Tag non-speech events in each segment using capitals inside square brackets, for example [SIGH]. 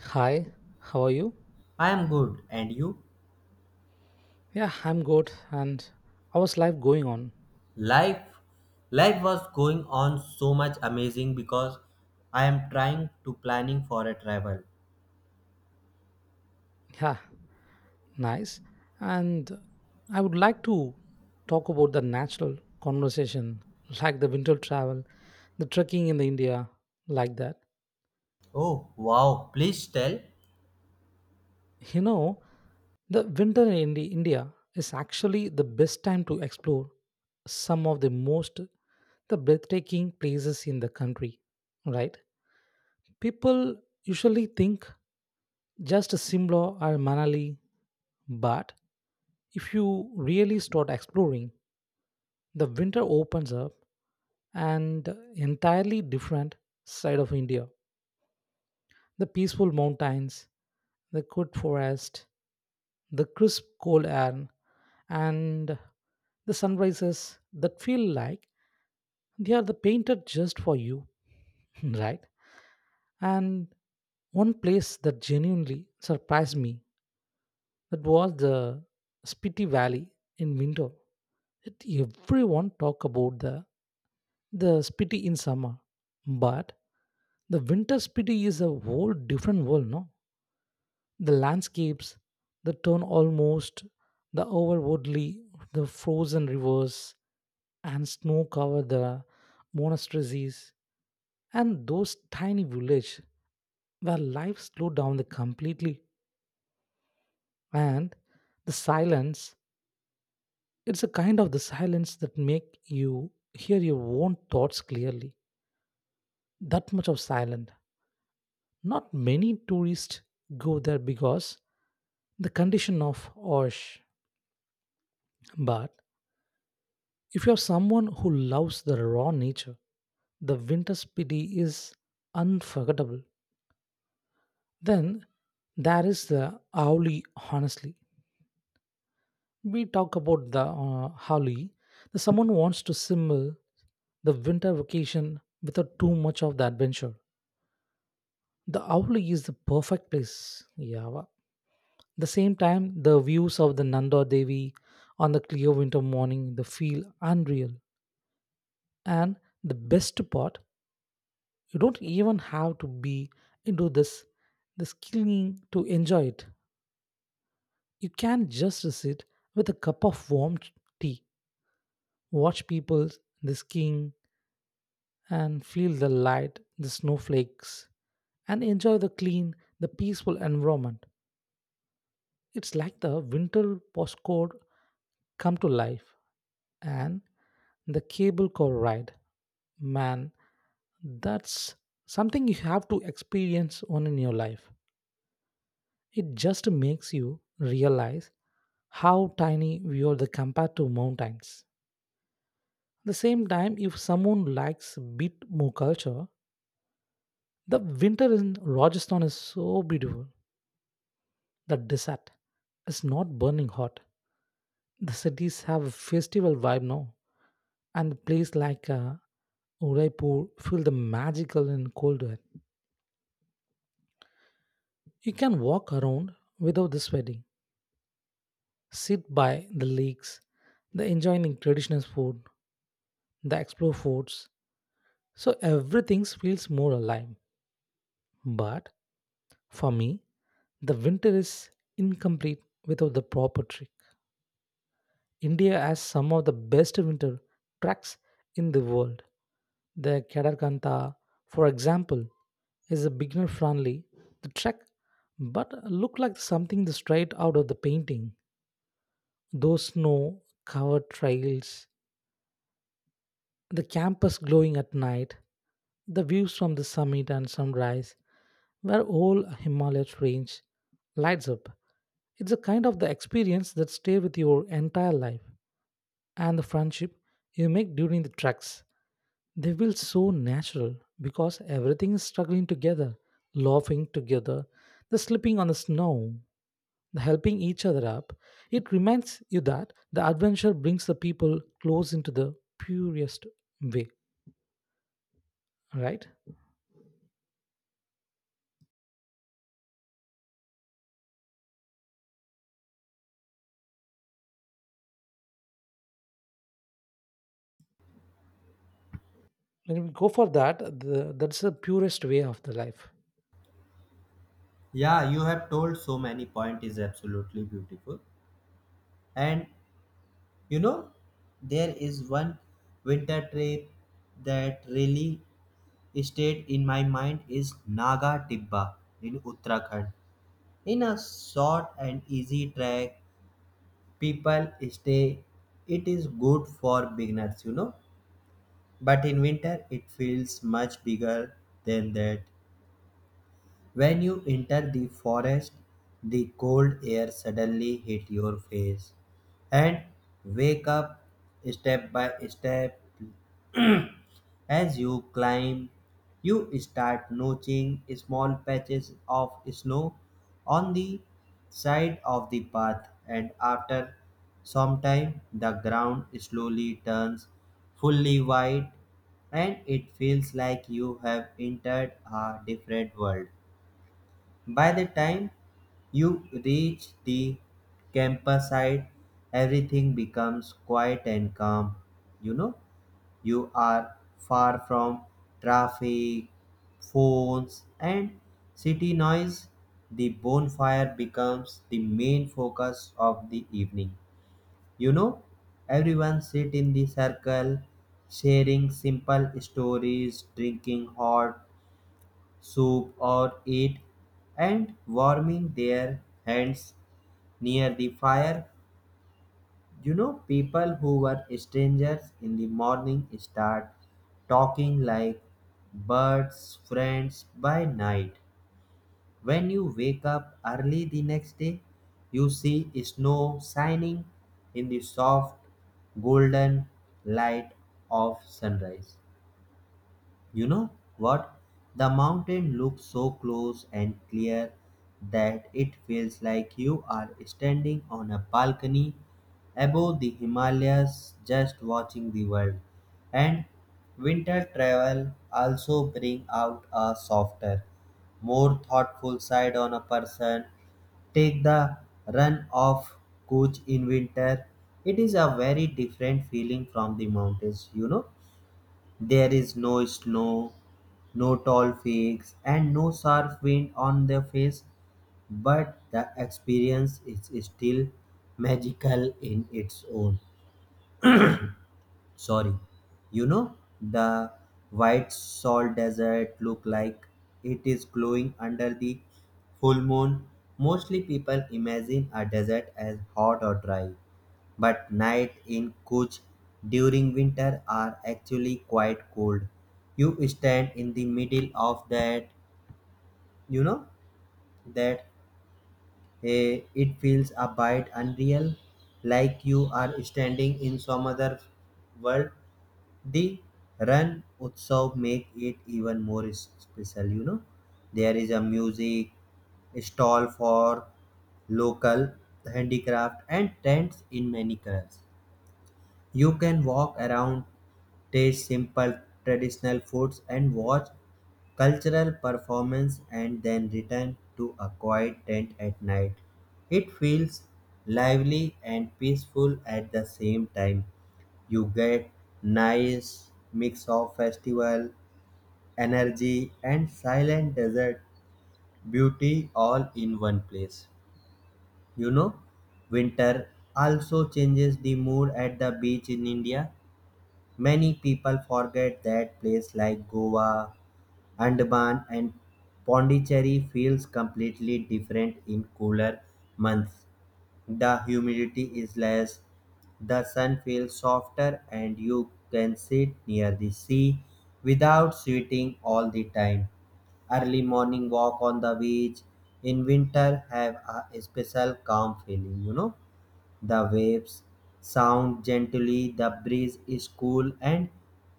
Hi, how are you? I am good, and you? Yeah, I'm good. And how's life going on? Life, life was going on so much amazing because I am trying to planning for a travel. Yeah, nice. And I would like to talk about the natural conversation, like the winter travel, the trekking in the India, like that. Oh wow! Please tell. You know, the winter in India is actually the best time to explore some of the most the breathtaking places in the country, right? People usually think just Simla or Manali. But if you really start exploring, the winter opens up an entirely different side of India. The peaceful mountains, the good forest, the crisp cold air, and the sunrises that feel like they are the painted just for you, [LAUGHS] right? And one place that genuinely surprised me, that was the Spiti Valley in winter. It, everyone talk about the Spiti in summer, but the winter Spiti is a whole different world. No, the landscapes, the turn almost, the overwoodly, the frozen rivers, and snow cover the monasteries, and those tiny village where life slowed down the completely and the silence. It's a kind of the silence that make you hear your own thoughts clearly. That much of silent. Not many tourists go there because the condition of Osh. But if you are someone who loves the raw nature, the winter spiti is unforgettable. Then there is the Auli, honestly. We talk about the Auli. The someone wants to simul the winter vacation without too much of the adventure. The owl is the perfect place. Yeah. The same time, the views of the Nanda Devi on the clear winter morning they feel unreal. And the best part, you don't even have to be into this skilling to enjoy it. You can just sit with a cup of warm tea, watch people the skiing, and feel the light, the snowflakes, and enjoy the clean, the peaceful environment. It's like the winter postcode come to life and the cable car ride, man, that's something you have to experience on in your life. It just makes you realize how tiny we are the compared to mountains. At the same time, if someone likes a bit more culture, the winter in Rajasthan is so beautiful. The desert is not burning hot, the cities have a festival vibe now, and place like Udaipur feel the magical and cold air. You can walk around without the sweating, sit by the lakes, the enjoying traditional food, the explore forts. So everything feels more alive. But for me, the winter is incomplete without the proper trick. India has some of the best winter tracks in the world. The Kadakanta, for example, is a beginner friendly the track but look like something the straight out of the painting. Those snow covered trails, the campus glowing at night, the views from the summit and sunrise where whole Himalaya range lights up, it's a kind of the experience that stay with your entire life. And the friendship you make during the treks, they feel so natural because everything is struggling together, laughing together, the slipping on the snow, the helping each other up. It reminds you that the adventure brings the people close into the purest way, right? When we go for that, that's the purest way of the life. Yeah, you have told so many point is absolutely beautiful, and you know there is one winter trip that really stayed in my mind is Naga Tibba in Uttarakhand. In a short and easy trek people stay it is good for beginners, you know, but in winter it feels much bigger than that when you enter the forest the cold air suddenly hit your face and wake up step by step. As you climb, you start noticing small patches of snow on the side of the path, and after some time, the ground slowly turns fully white and it feels like you have entered a different world. By the time you reach the campsite, everything becomes quiet and calm, you know. You are far from traffic, phones, and city noise. The bonfire becomes the main focus of the evening. You know, everyone sit in the circle, sharing simple stories, drinking hot soup or eat, and warming their hands near the fire, you know, people who were strangers in the morning start talking like birds, friends by night. When you wake up early the next day, you see snow shining in the soft golden light of sunrise. You know what? The mountain looks so close and clear that it feels like you are standing on a balcony above the Himalayas just watching the world. And winter travel also bring out a softer, more thoughtful side on a person take the run of coach in winter it is a very different feeling from the mountains, you know, there is no snow, no tall peaks, and no sharp wind on the face, but the experience is still magical in its own. Sorry, you know the white salt desert look like it is glowing under the full moon. Mostly people imagine a desert as hot or dry, but night in Kuch during winter are actually quite cold. You stand in the middle of that, you know, that it feels a bit unreal, like you are standing in some other world. The Ran Utsav make it even more special, you know. There is a music stall for local handicraft and tents in many colors. You can walk around, taste simple traditional foods, and watch cultural performance and then return to a quiet tent at night. It feels lively and peaceful at the same time. You get nice mix of festival energy and silent desert beauty all in one place. You know, winter also changes the mood at the beach in India. Many people forget that places like Goa, Andaman, and Pondicherry feels completely different in cooler months. The humidity is less, the sun feels softer, and you can sit near the sea without sweating all the time. Early morning walk on the beach in winter have a special calm feeling, you know. The waves sound gently, the breeze is cool, and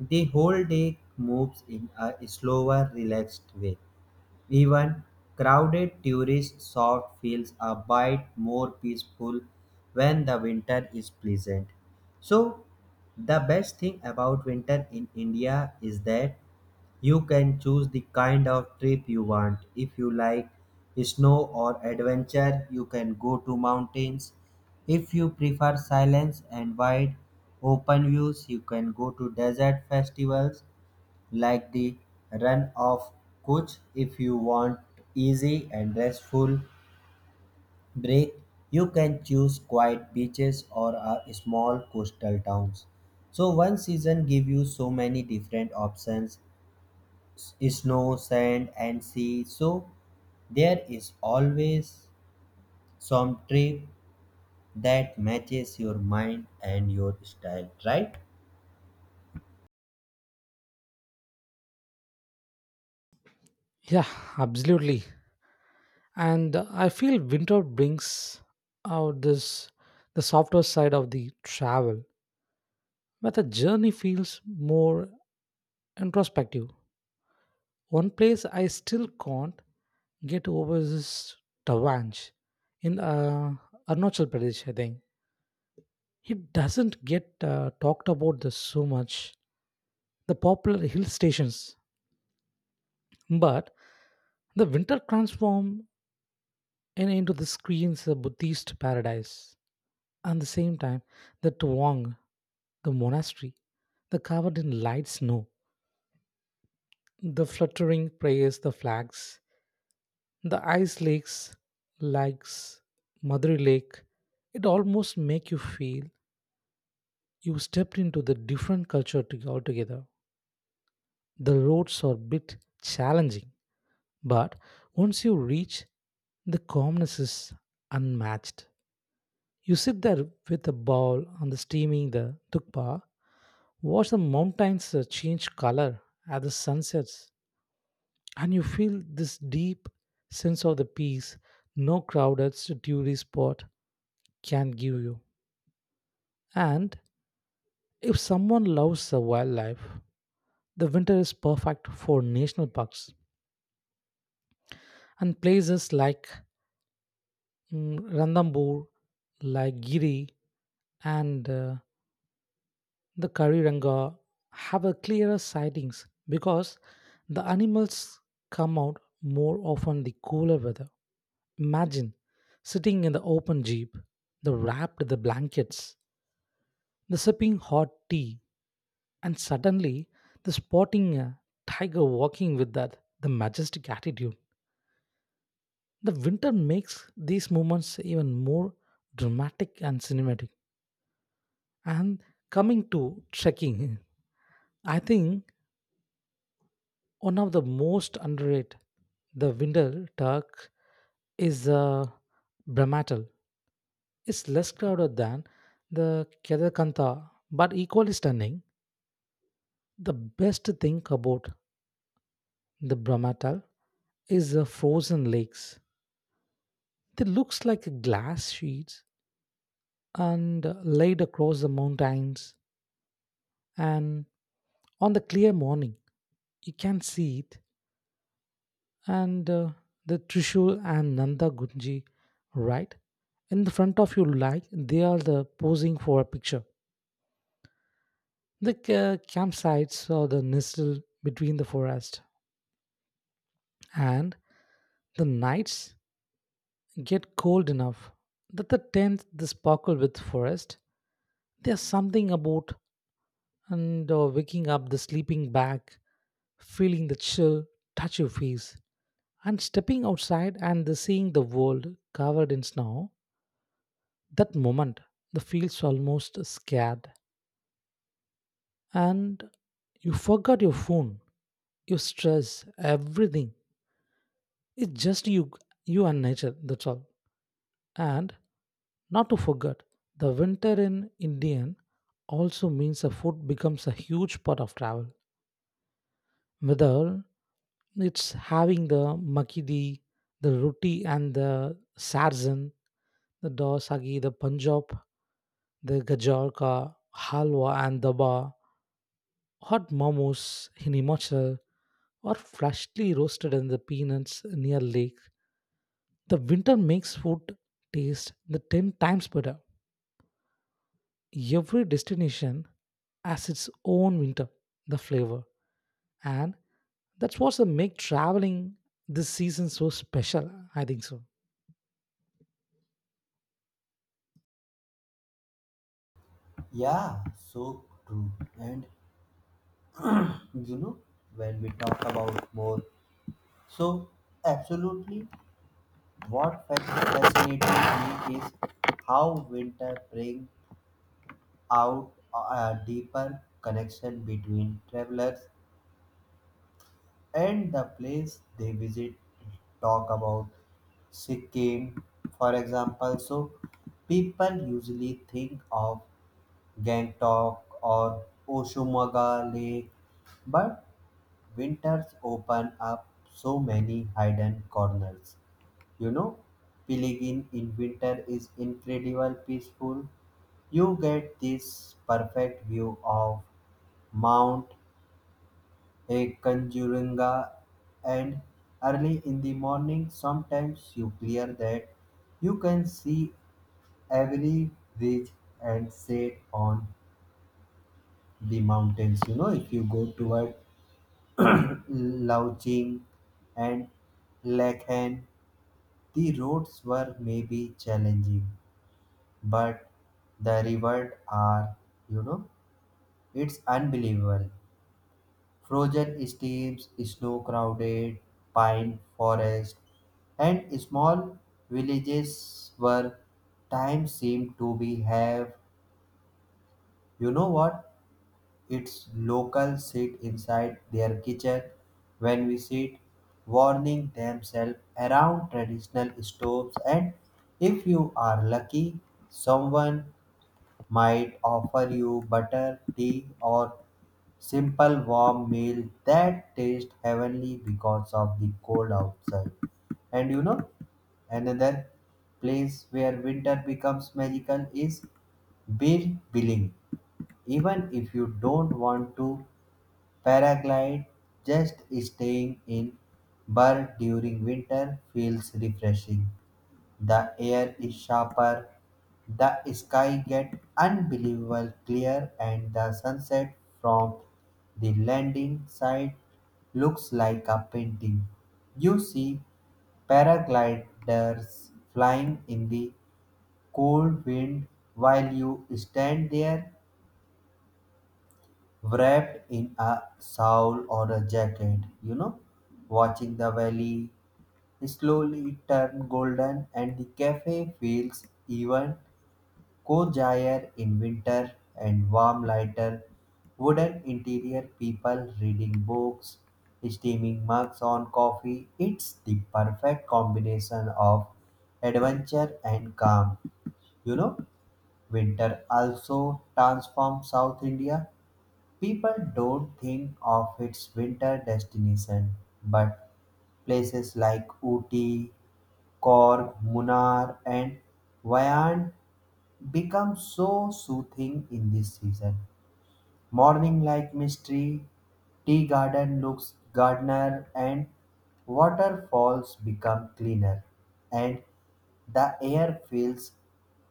the whole day moves in a slower, relaxed way. Even crowded tourist shop feels a bit more peaceful when the winter is pleasant. So, the best thing about winter in India is that you can choose the kind of trip you want. If you like snow or adventure, you can go to mountains. If you prefer silence and wide open views, you can go to desert festivals like the Run of Kutch. If you want easy and restful break, you can choose quiet beaches or a small coastal towns. So one season give you so many different options snow, sand, and sea. So there is always some trip that matches your mind and your style, right? Yeah, absolutely. And I feel winter brings out this the softer side of the travel, where the journey feels more introspective. One place I still can't get over is Tawanj in Arunachal Pradesh, I think. It doesn't get talked about this so much, the popular hill stations, but the winter transform into the screens a Buddhist paradise. At the same time, the Tuang, the monastery, the covered in light snow, the fluttering prayers, the flags, the ice lakes likes Madurai Lake, it almost make you feel you stepped into the different culture altogether. The roads are a bit challenging, but once you reach, the calmness is unmatched. You sit there with a bowl on the steaming the tukpa, watch the mountains change color at the sunsets, and you feel this deep sense of the peace no crowded tourist spot can give you. And if someone loves the wildlife, the winter is perfect for national parks and places like Ranthambore, like Giri, and the Kariranga have a clearer sightings because the animals come out more often the cooler weather. Imagine sitting in the open jeep, the wrapped the blankets, the sipping hot tea, and suddenly, the sporting tiger walking with that, the majestic attitude. The winter makes these moments even more dramatic and cinematic. And coming to trekking, I think one of the most underrated, the winter Turk is Brahmatal. It's less crowded than the Kedarkantha, but equally stunning. The best thing about the Brahmatal is the frozen lakes. It looks like glass sheets and laid across the mountains. And on the clear morning, you can see it. And the Trishul and Nanda Gunji, right in the front of your like, they are the posing for a picture. The campsites are the nestled between the forest, and the nights get cold enough that the tents they sparkle with forest. There's something about and waking up the sleeping bag, feeling the chill touch your face, and stepping outside and the seeing the world covered in snow, that moment, the feels almost scared. And you forgot your phone, your stress, everything. It's just you, you and nature, that's all. And not to forget, the winter in Indian also means the food becomes a huge part of travel. Whether it's having the makidi, the roti, and the sarzen, the dosagi, the Punjab, the gajar ka halwa and daba, hot momos in Himachal, or freshly roasted in the peanuts near lake. The winter makes food taste the 10 times better. Every destination has its own winter, the flavor, and that's what's make traveling this season so special. I think so. Yeah, so true. And you know, when we talk about more, so absolutely what fascinates me is how winter brings out a deeper connection between travelers and the place they visit talk about Sikkim, for example. So people usually think of Gangtok or Oshumaga Lake, but winters open up so many hidden corners. You know, Piligin in winter is incredible peaceful. You get this perfect view of Mount Kanjurunga and early in the morning sometimes you clear that you can see every ridge and set on the mountains. You know, if you go toward [CLEARS THROAT] Lauching and Lakhan, the roads were maybe challenging, but the rivers are, you know, it's unbelievable. Frozen streams, snow crowded pine forest, and small villages where time seemed to be have. You know what? Its locals sit inside their kitchen when we sit, warming themselves around traditional stoves. And if you are lucky, someone might offer you butter, tea, or simple warm meal that tastes heavenly because of the cold outside. And you know, another place where winter becomes magical is beer billing. Even if you don't want to paraglide, just staying in Burr during winter feels refreshing. The air is sharper, the sky gets unbelievable clear, and the sunset from the landing site looks like a painting. You see paragliders flying in the cold wind while you stand there wrapped in a shawl or a jacket, you know, watching the valley slowly turn golden and the cafe feels even cozier in winter and warm lighter wooden interior people reading books steaming mugs on coffee it's the perfect combination of adventure and calm. You know, winter also transforms South India. People don't think of its winter destination, but places like Ooty, Cork, Munnar, and Wyand become so soothing in this season. Morning like mystery, tea garden looks gardener, and waterfalls become cleaner, and the air feels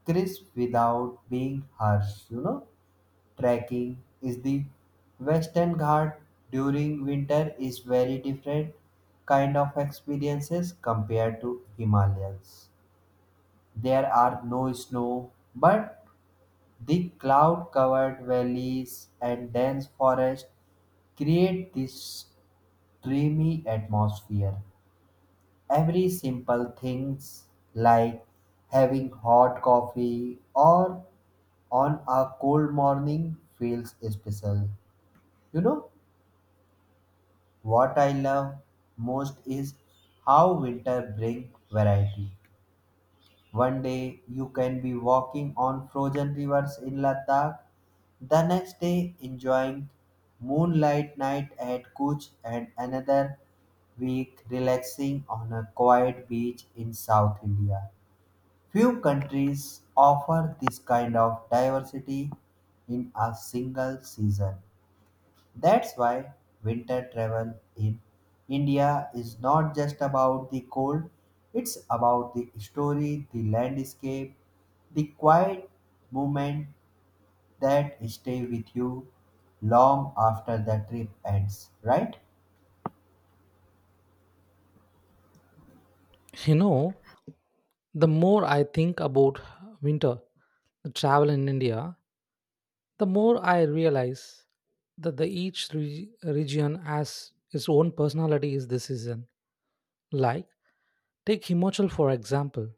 crisp without being harsh, you know trekking is the Western Ghat during winter is very different kind of experiences compared to Himalayas. There are no snow, but the cloud covered valleys and dense forest create this dreamy atmosphere. Every simple things like having hot coffee or on a cold morning feels special. You know what I love most is how winter brings variety. One day you can be walking on frozen rivers in Ladakh, the next day enjoying moonlight night at Kuch, and another week relaxing on a quiet beach in South India. Few countries offer this kind of diversity in a single season. That's why winter travel in India is not just about the cold, it's about the story, the landscape, the quiet moment that stay with you long after the trip ends, right? You know, the more I think about winter, the travel in India, the more I realize that the each region has its own personality is this season. Like take Himachal for example.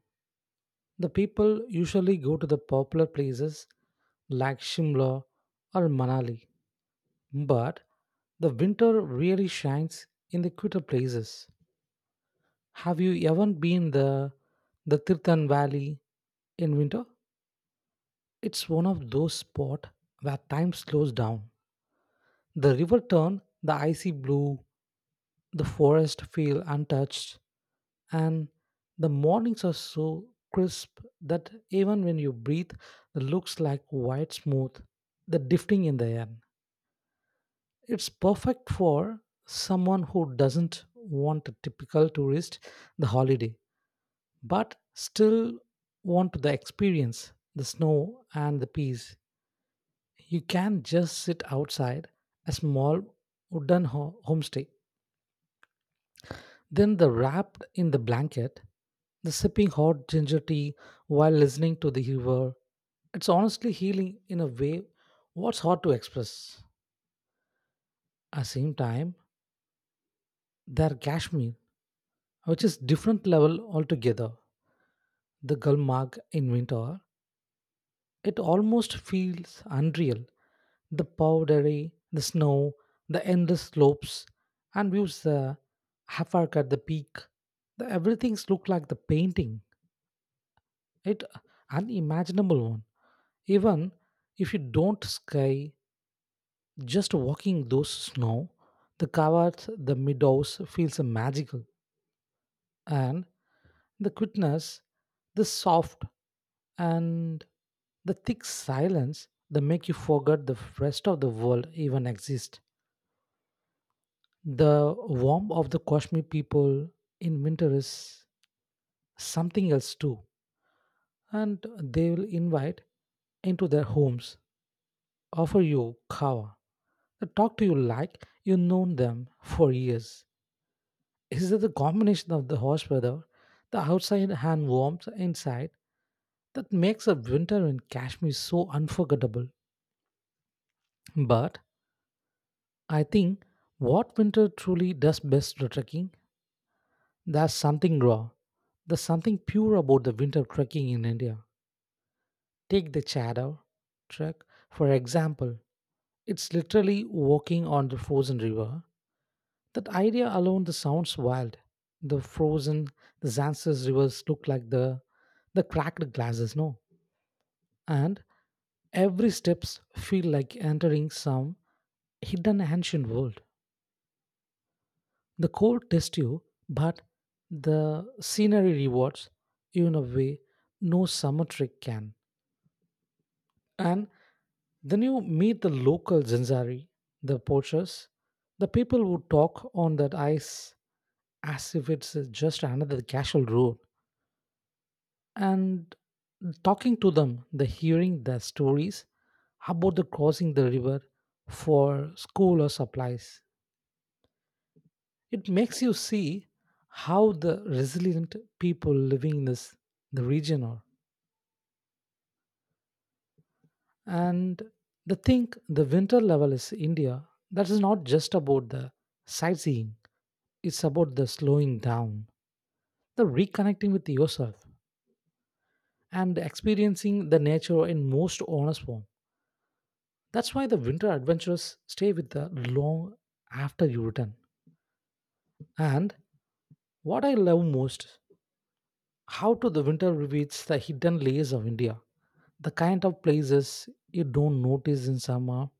The people usually go to the popular places like Shimla or Manali, but the winter really shines in the quieter places. Have you ever been the Tirthan Valley in winter? It's one of those spots where time slows down. The river turns the icy blue. The forests feel untouched, and the mornings are so crisp that even when you breathe, it looks like white smooth, the drifting in the air. It's perfect for someone who doesn't want a typical tourist the holiday, but still want the experience, the snow and the peace. You can just sit outside a small wooden homestay, then the wrapped in the blanket the sipping hot ginger tea while listening to the river. It's honestly healing in a way what's hard to express. At the same time, there Kashmir, which is different level altogether. The Gulmarg in winter, it almost feels unreal. The powdery, the snow, the endless slopes, and views the Hafak at the peak. The everything's look like the painting. It unimaginable one. Even if you don't ski, just walking those snow, the covered, the meadows feels magical, and the quickness, the soft and the thick silence that make you forget the rest of the world even exists. The warmth of the Kashmir people in winter is something else too, and they will invite into their homes, offer you kawa, talk to you like you known them for years. Is it the combination of the harsh weather, the outside and warmth inside, that makes a winter in Kashmir so unforgettable? But I think what winter truly does best to trekking, there's something raw. There's something pure about the winter trekking in India. Take the Chador trek, for example. It's literally walking on the frozen river, that idea alone that sounds wild. The frozen, the Zanzibar rivers look like the cracked glasses, no? And every steps feel like entering some hidden ancient world. The cold tests you, but the scenery rewards you in a way no summer trick can. And then you meet the local Zanzari, the poachers, the people who talk on that ice as if it's just another casual road. And talking to them the hearing their stories about the crossing the river for school or supplies, it makes you see how the resilient people living in this the region are. And the thing the winter level is India, that is not just about the sightseeing, it's about the slowing down, the reconnecting with yourself, and experiencing the nature in most honest form. That's why the winter adventures stay with the long after you return. And what I love most, how to the winter reveals the hidden layers of India, the kind of places you don't notice in summer.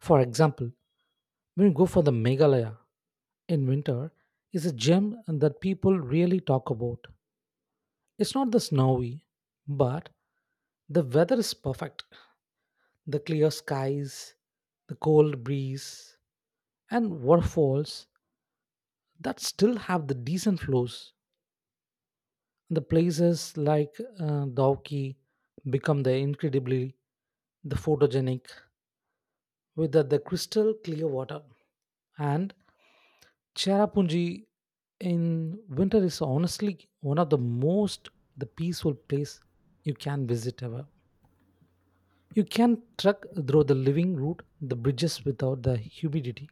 For example, when you go for the Meghalaya in winter, is a gem that people really talk about. It's not the snowy, but the weather is perfect. The clear skies, the cold breeze, and waterfalls that still have the decent flows. The places like Dauki become the incredibly the photogenic with the crystal clear water. And Cherrapunji in winter is honestly one of the most the peaceful place you can visit ever. You can trek through the living route, the bridges without the humidity,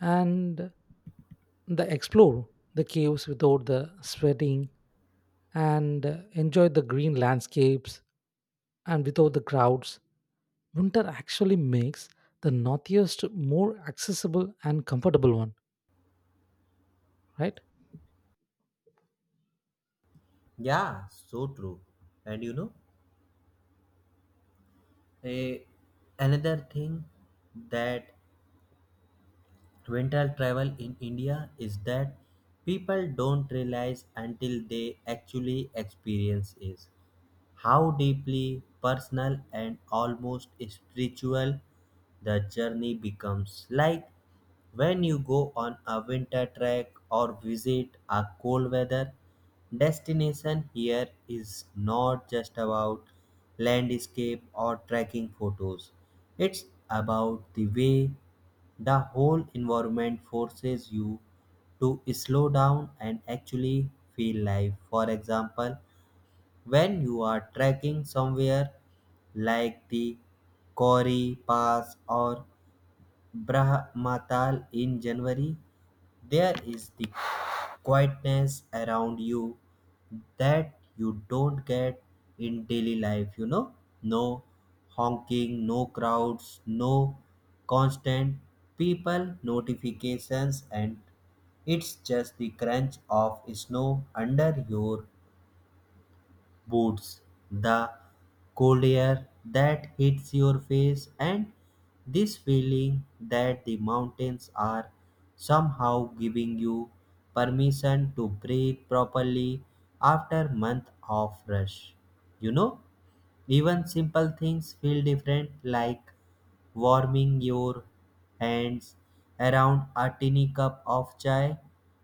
and the explore the caves without the sweating, and enjoy the green landscapes and without the crowds, winter actually makes the northeast more accessible and comfortable one, right? Yeah, so true. And you know, a, another thing that winter travel in India is that people don't realize until they actually experience it. How deeply personal and almost spiritual the journey becomes. Like when you go on a winter trek or visit a cold weather destination, here is not just about landscape or trekking photos, it's about the way the whole environment forces you to slow down and actually feel life. For example, when you are trekking somewhere like the Kauri Pass or Brahmatal in January, there is the quietness around you that you don't get in daily life, you know? No honking, no crowds, no constant people notifications, and it's just the crunch of snow under your boots, the cold air that hits your face, and this feeling that the mountains are somehow giving you permission to breathe properly after month of rush. You know, even simple things feel different like warming your hands around a tiny cup of chai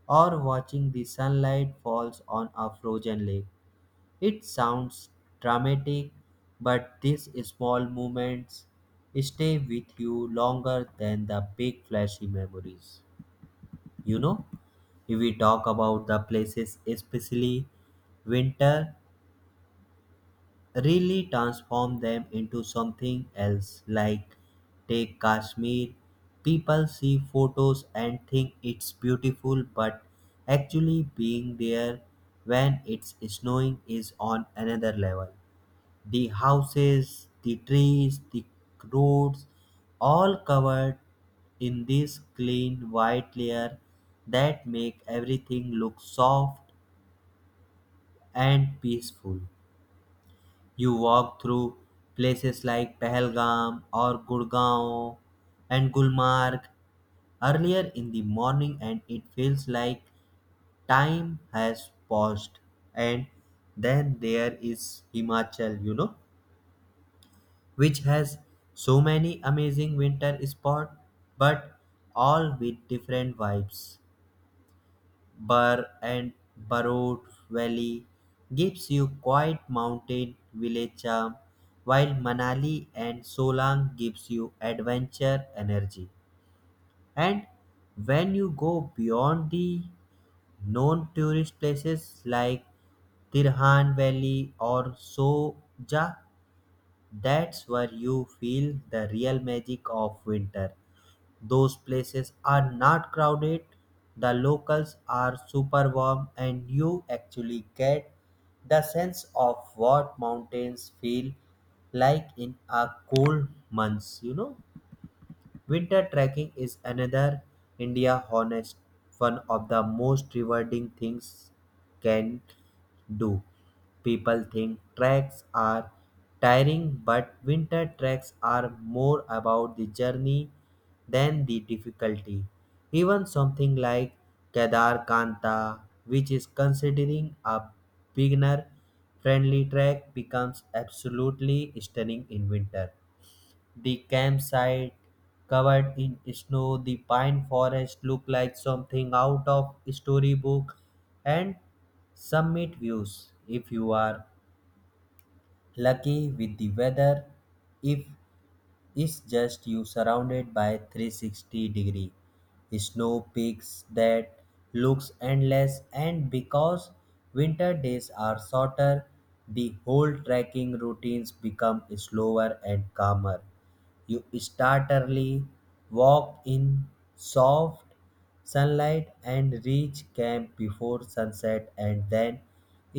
or watching the sunlight falls on a frozen lake it sounds dramatic, but these small moments stay with you longer than the big flashy memories. You know, if we talk about the places, especially winter, really transform them into something else. Like, take Kashmir, people see photos and think it's beautiful, but actually being there when it's snowing is on another level. The houses, the trees, the roads, all covered in this clean white layer that make everything look soft and peaceful. You walk through places like Pahalgam or Gurgaon and Gulmarg earlier in the morning and it feels like time has paused and then there is Himachal, you know, which has so many amazing winter spots, but all with different vibes. Burr and Barot Valley gives you quiet mountain village charm, while Manali and Solang gives you adventure energy. And when you go beyond the known tourist places like Tirhan Valley or Soja, that's where you feel the real magic of winter. Those places are not crowded, the locals are super warm, and you actually get the sense of what mountains feel like in a cold month, you know. Winter trekking is another India honest one of the most rewarding things can do. People think treks are tiring, but winter treks are more about the journey than the difficulty. Even something like Kedar Kanta, which is considering a beginner friendly trek, becomes absolutely stunning in winter the campsite covered in snow, the pine forest looked like something out of a storybook, and summit views if you are lucky with the weather. If it's just you surrounded by 360 degree snow peaks that looks endless and because winter days are shorter the whole trekking routines become slower and calmer you start early, walk in soft sunlight, and reach camp before sunset, and then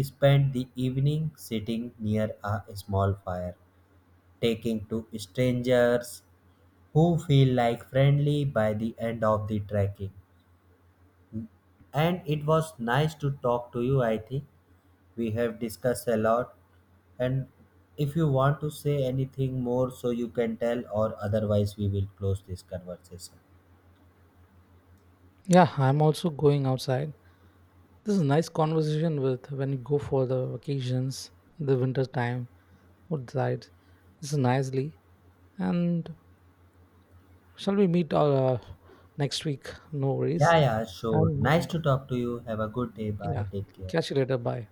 spend the evening sitting near a small fire taking to strangers who feel like friendly by the end of the trekking. And it was nice to talk to you, I think. We have discussed a lot. And if you want to say anything more, so you can tell, or otherwise, we will close this conversation. Yeah, I'm also going outside. This is nice conversation with when you go for the vacations, the winter time outside. This is nicely. And shall we meet next week? No Yeah, worries. yeah, sure. I'm Nice going. to talk to you. Have a good day. Bye. Yeah, Take care. catch you later. Bye.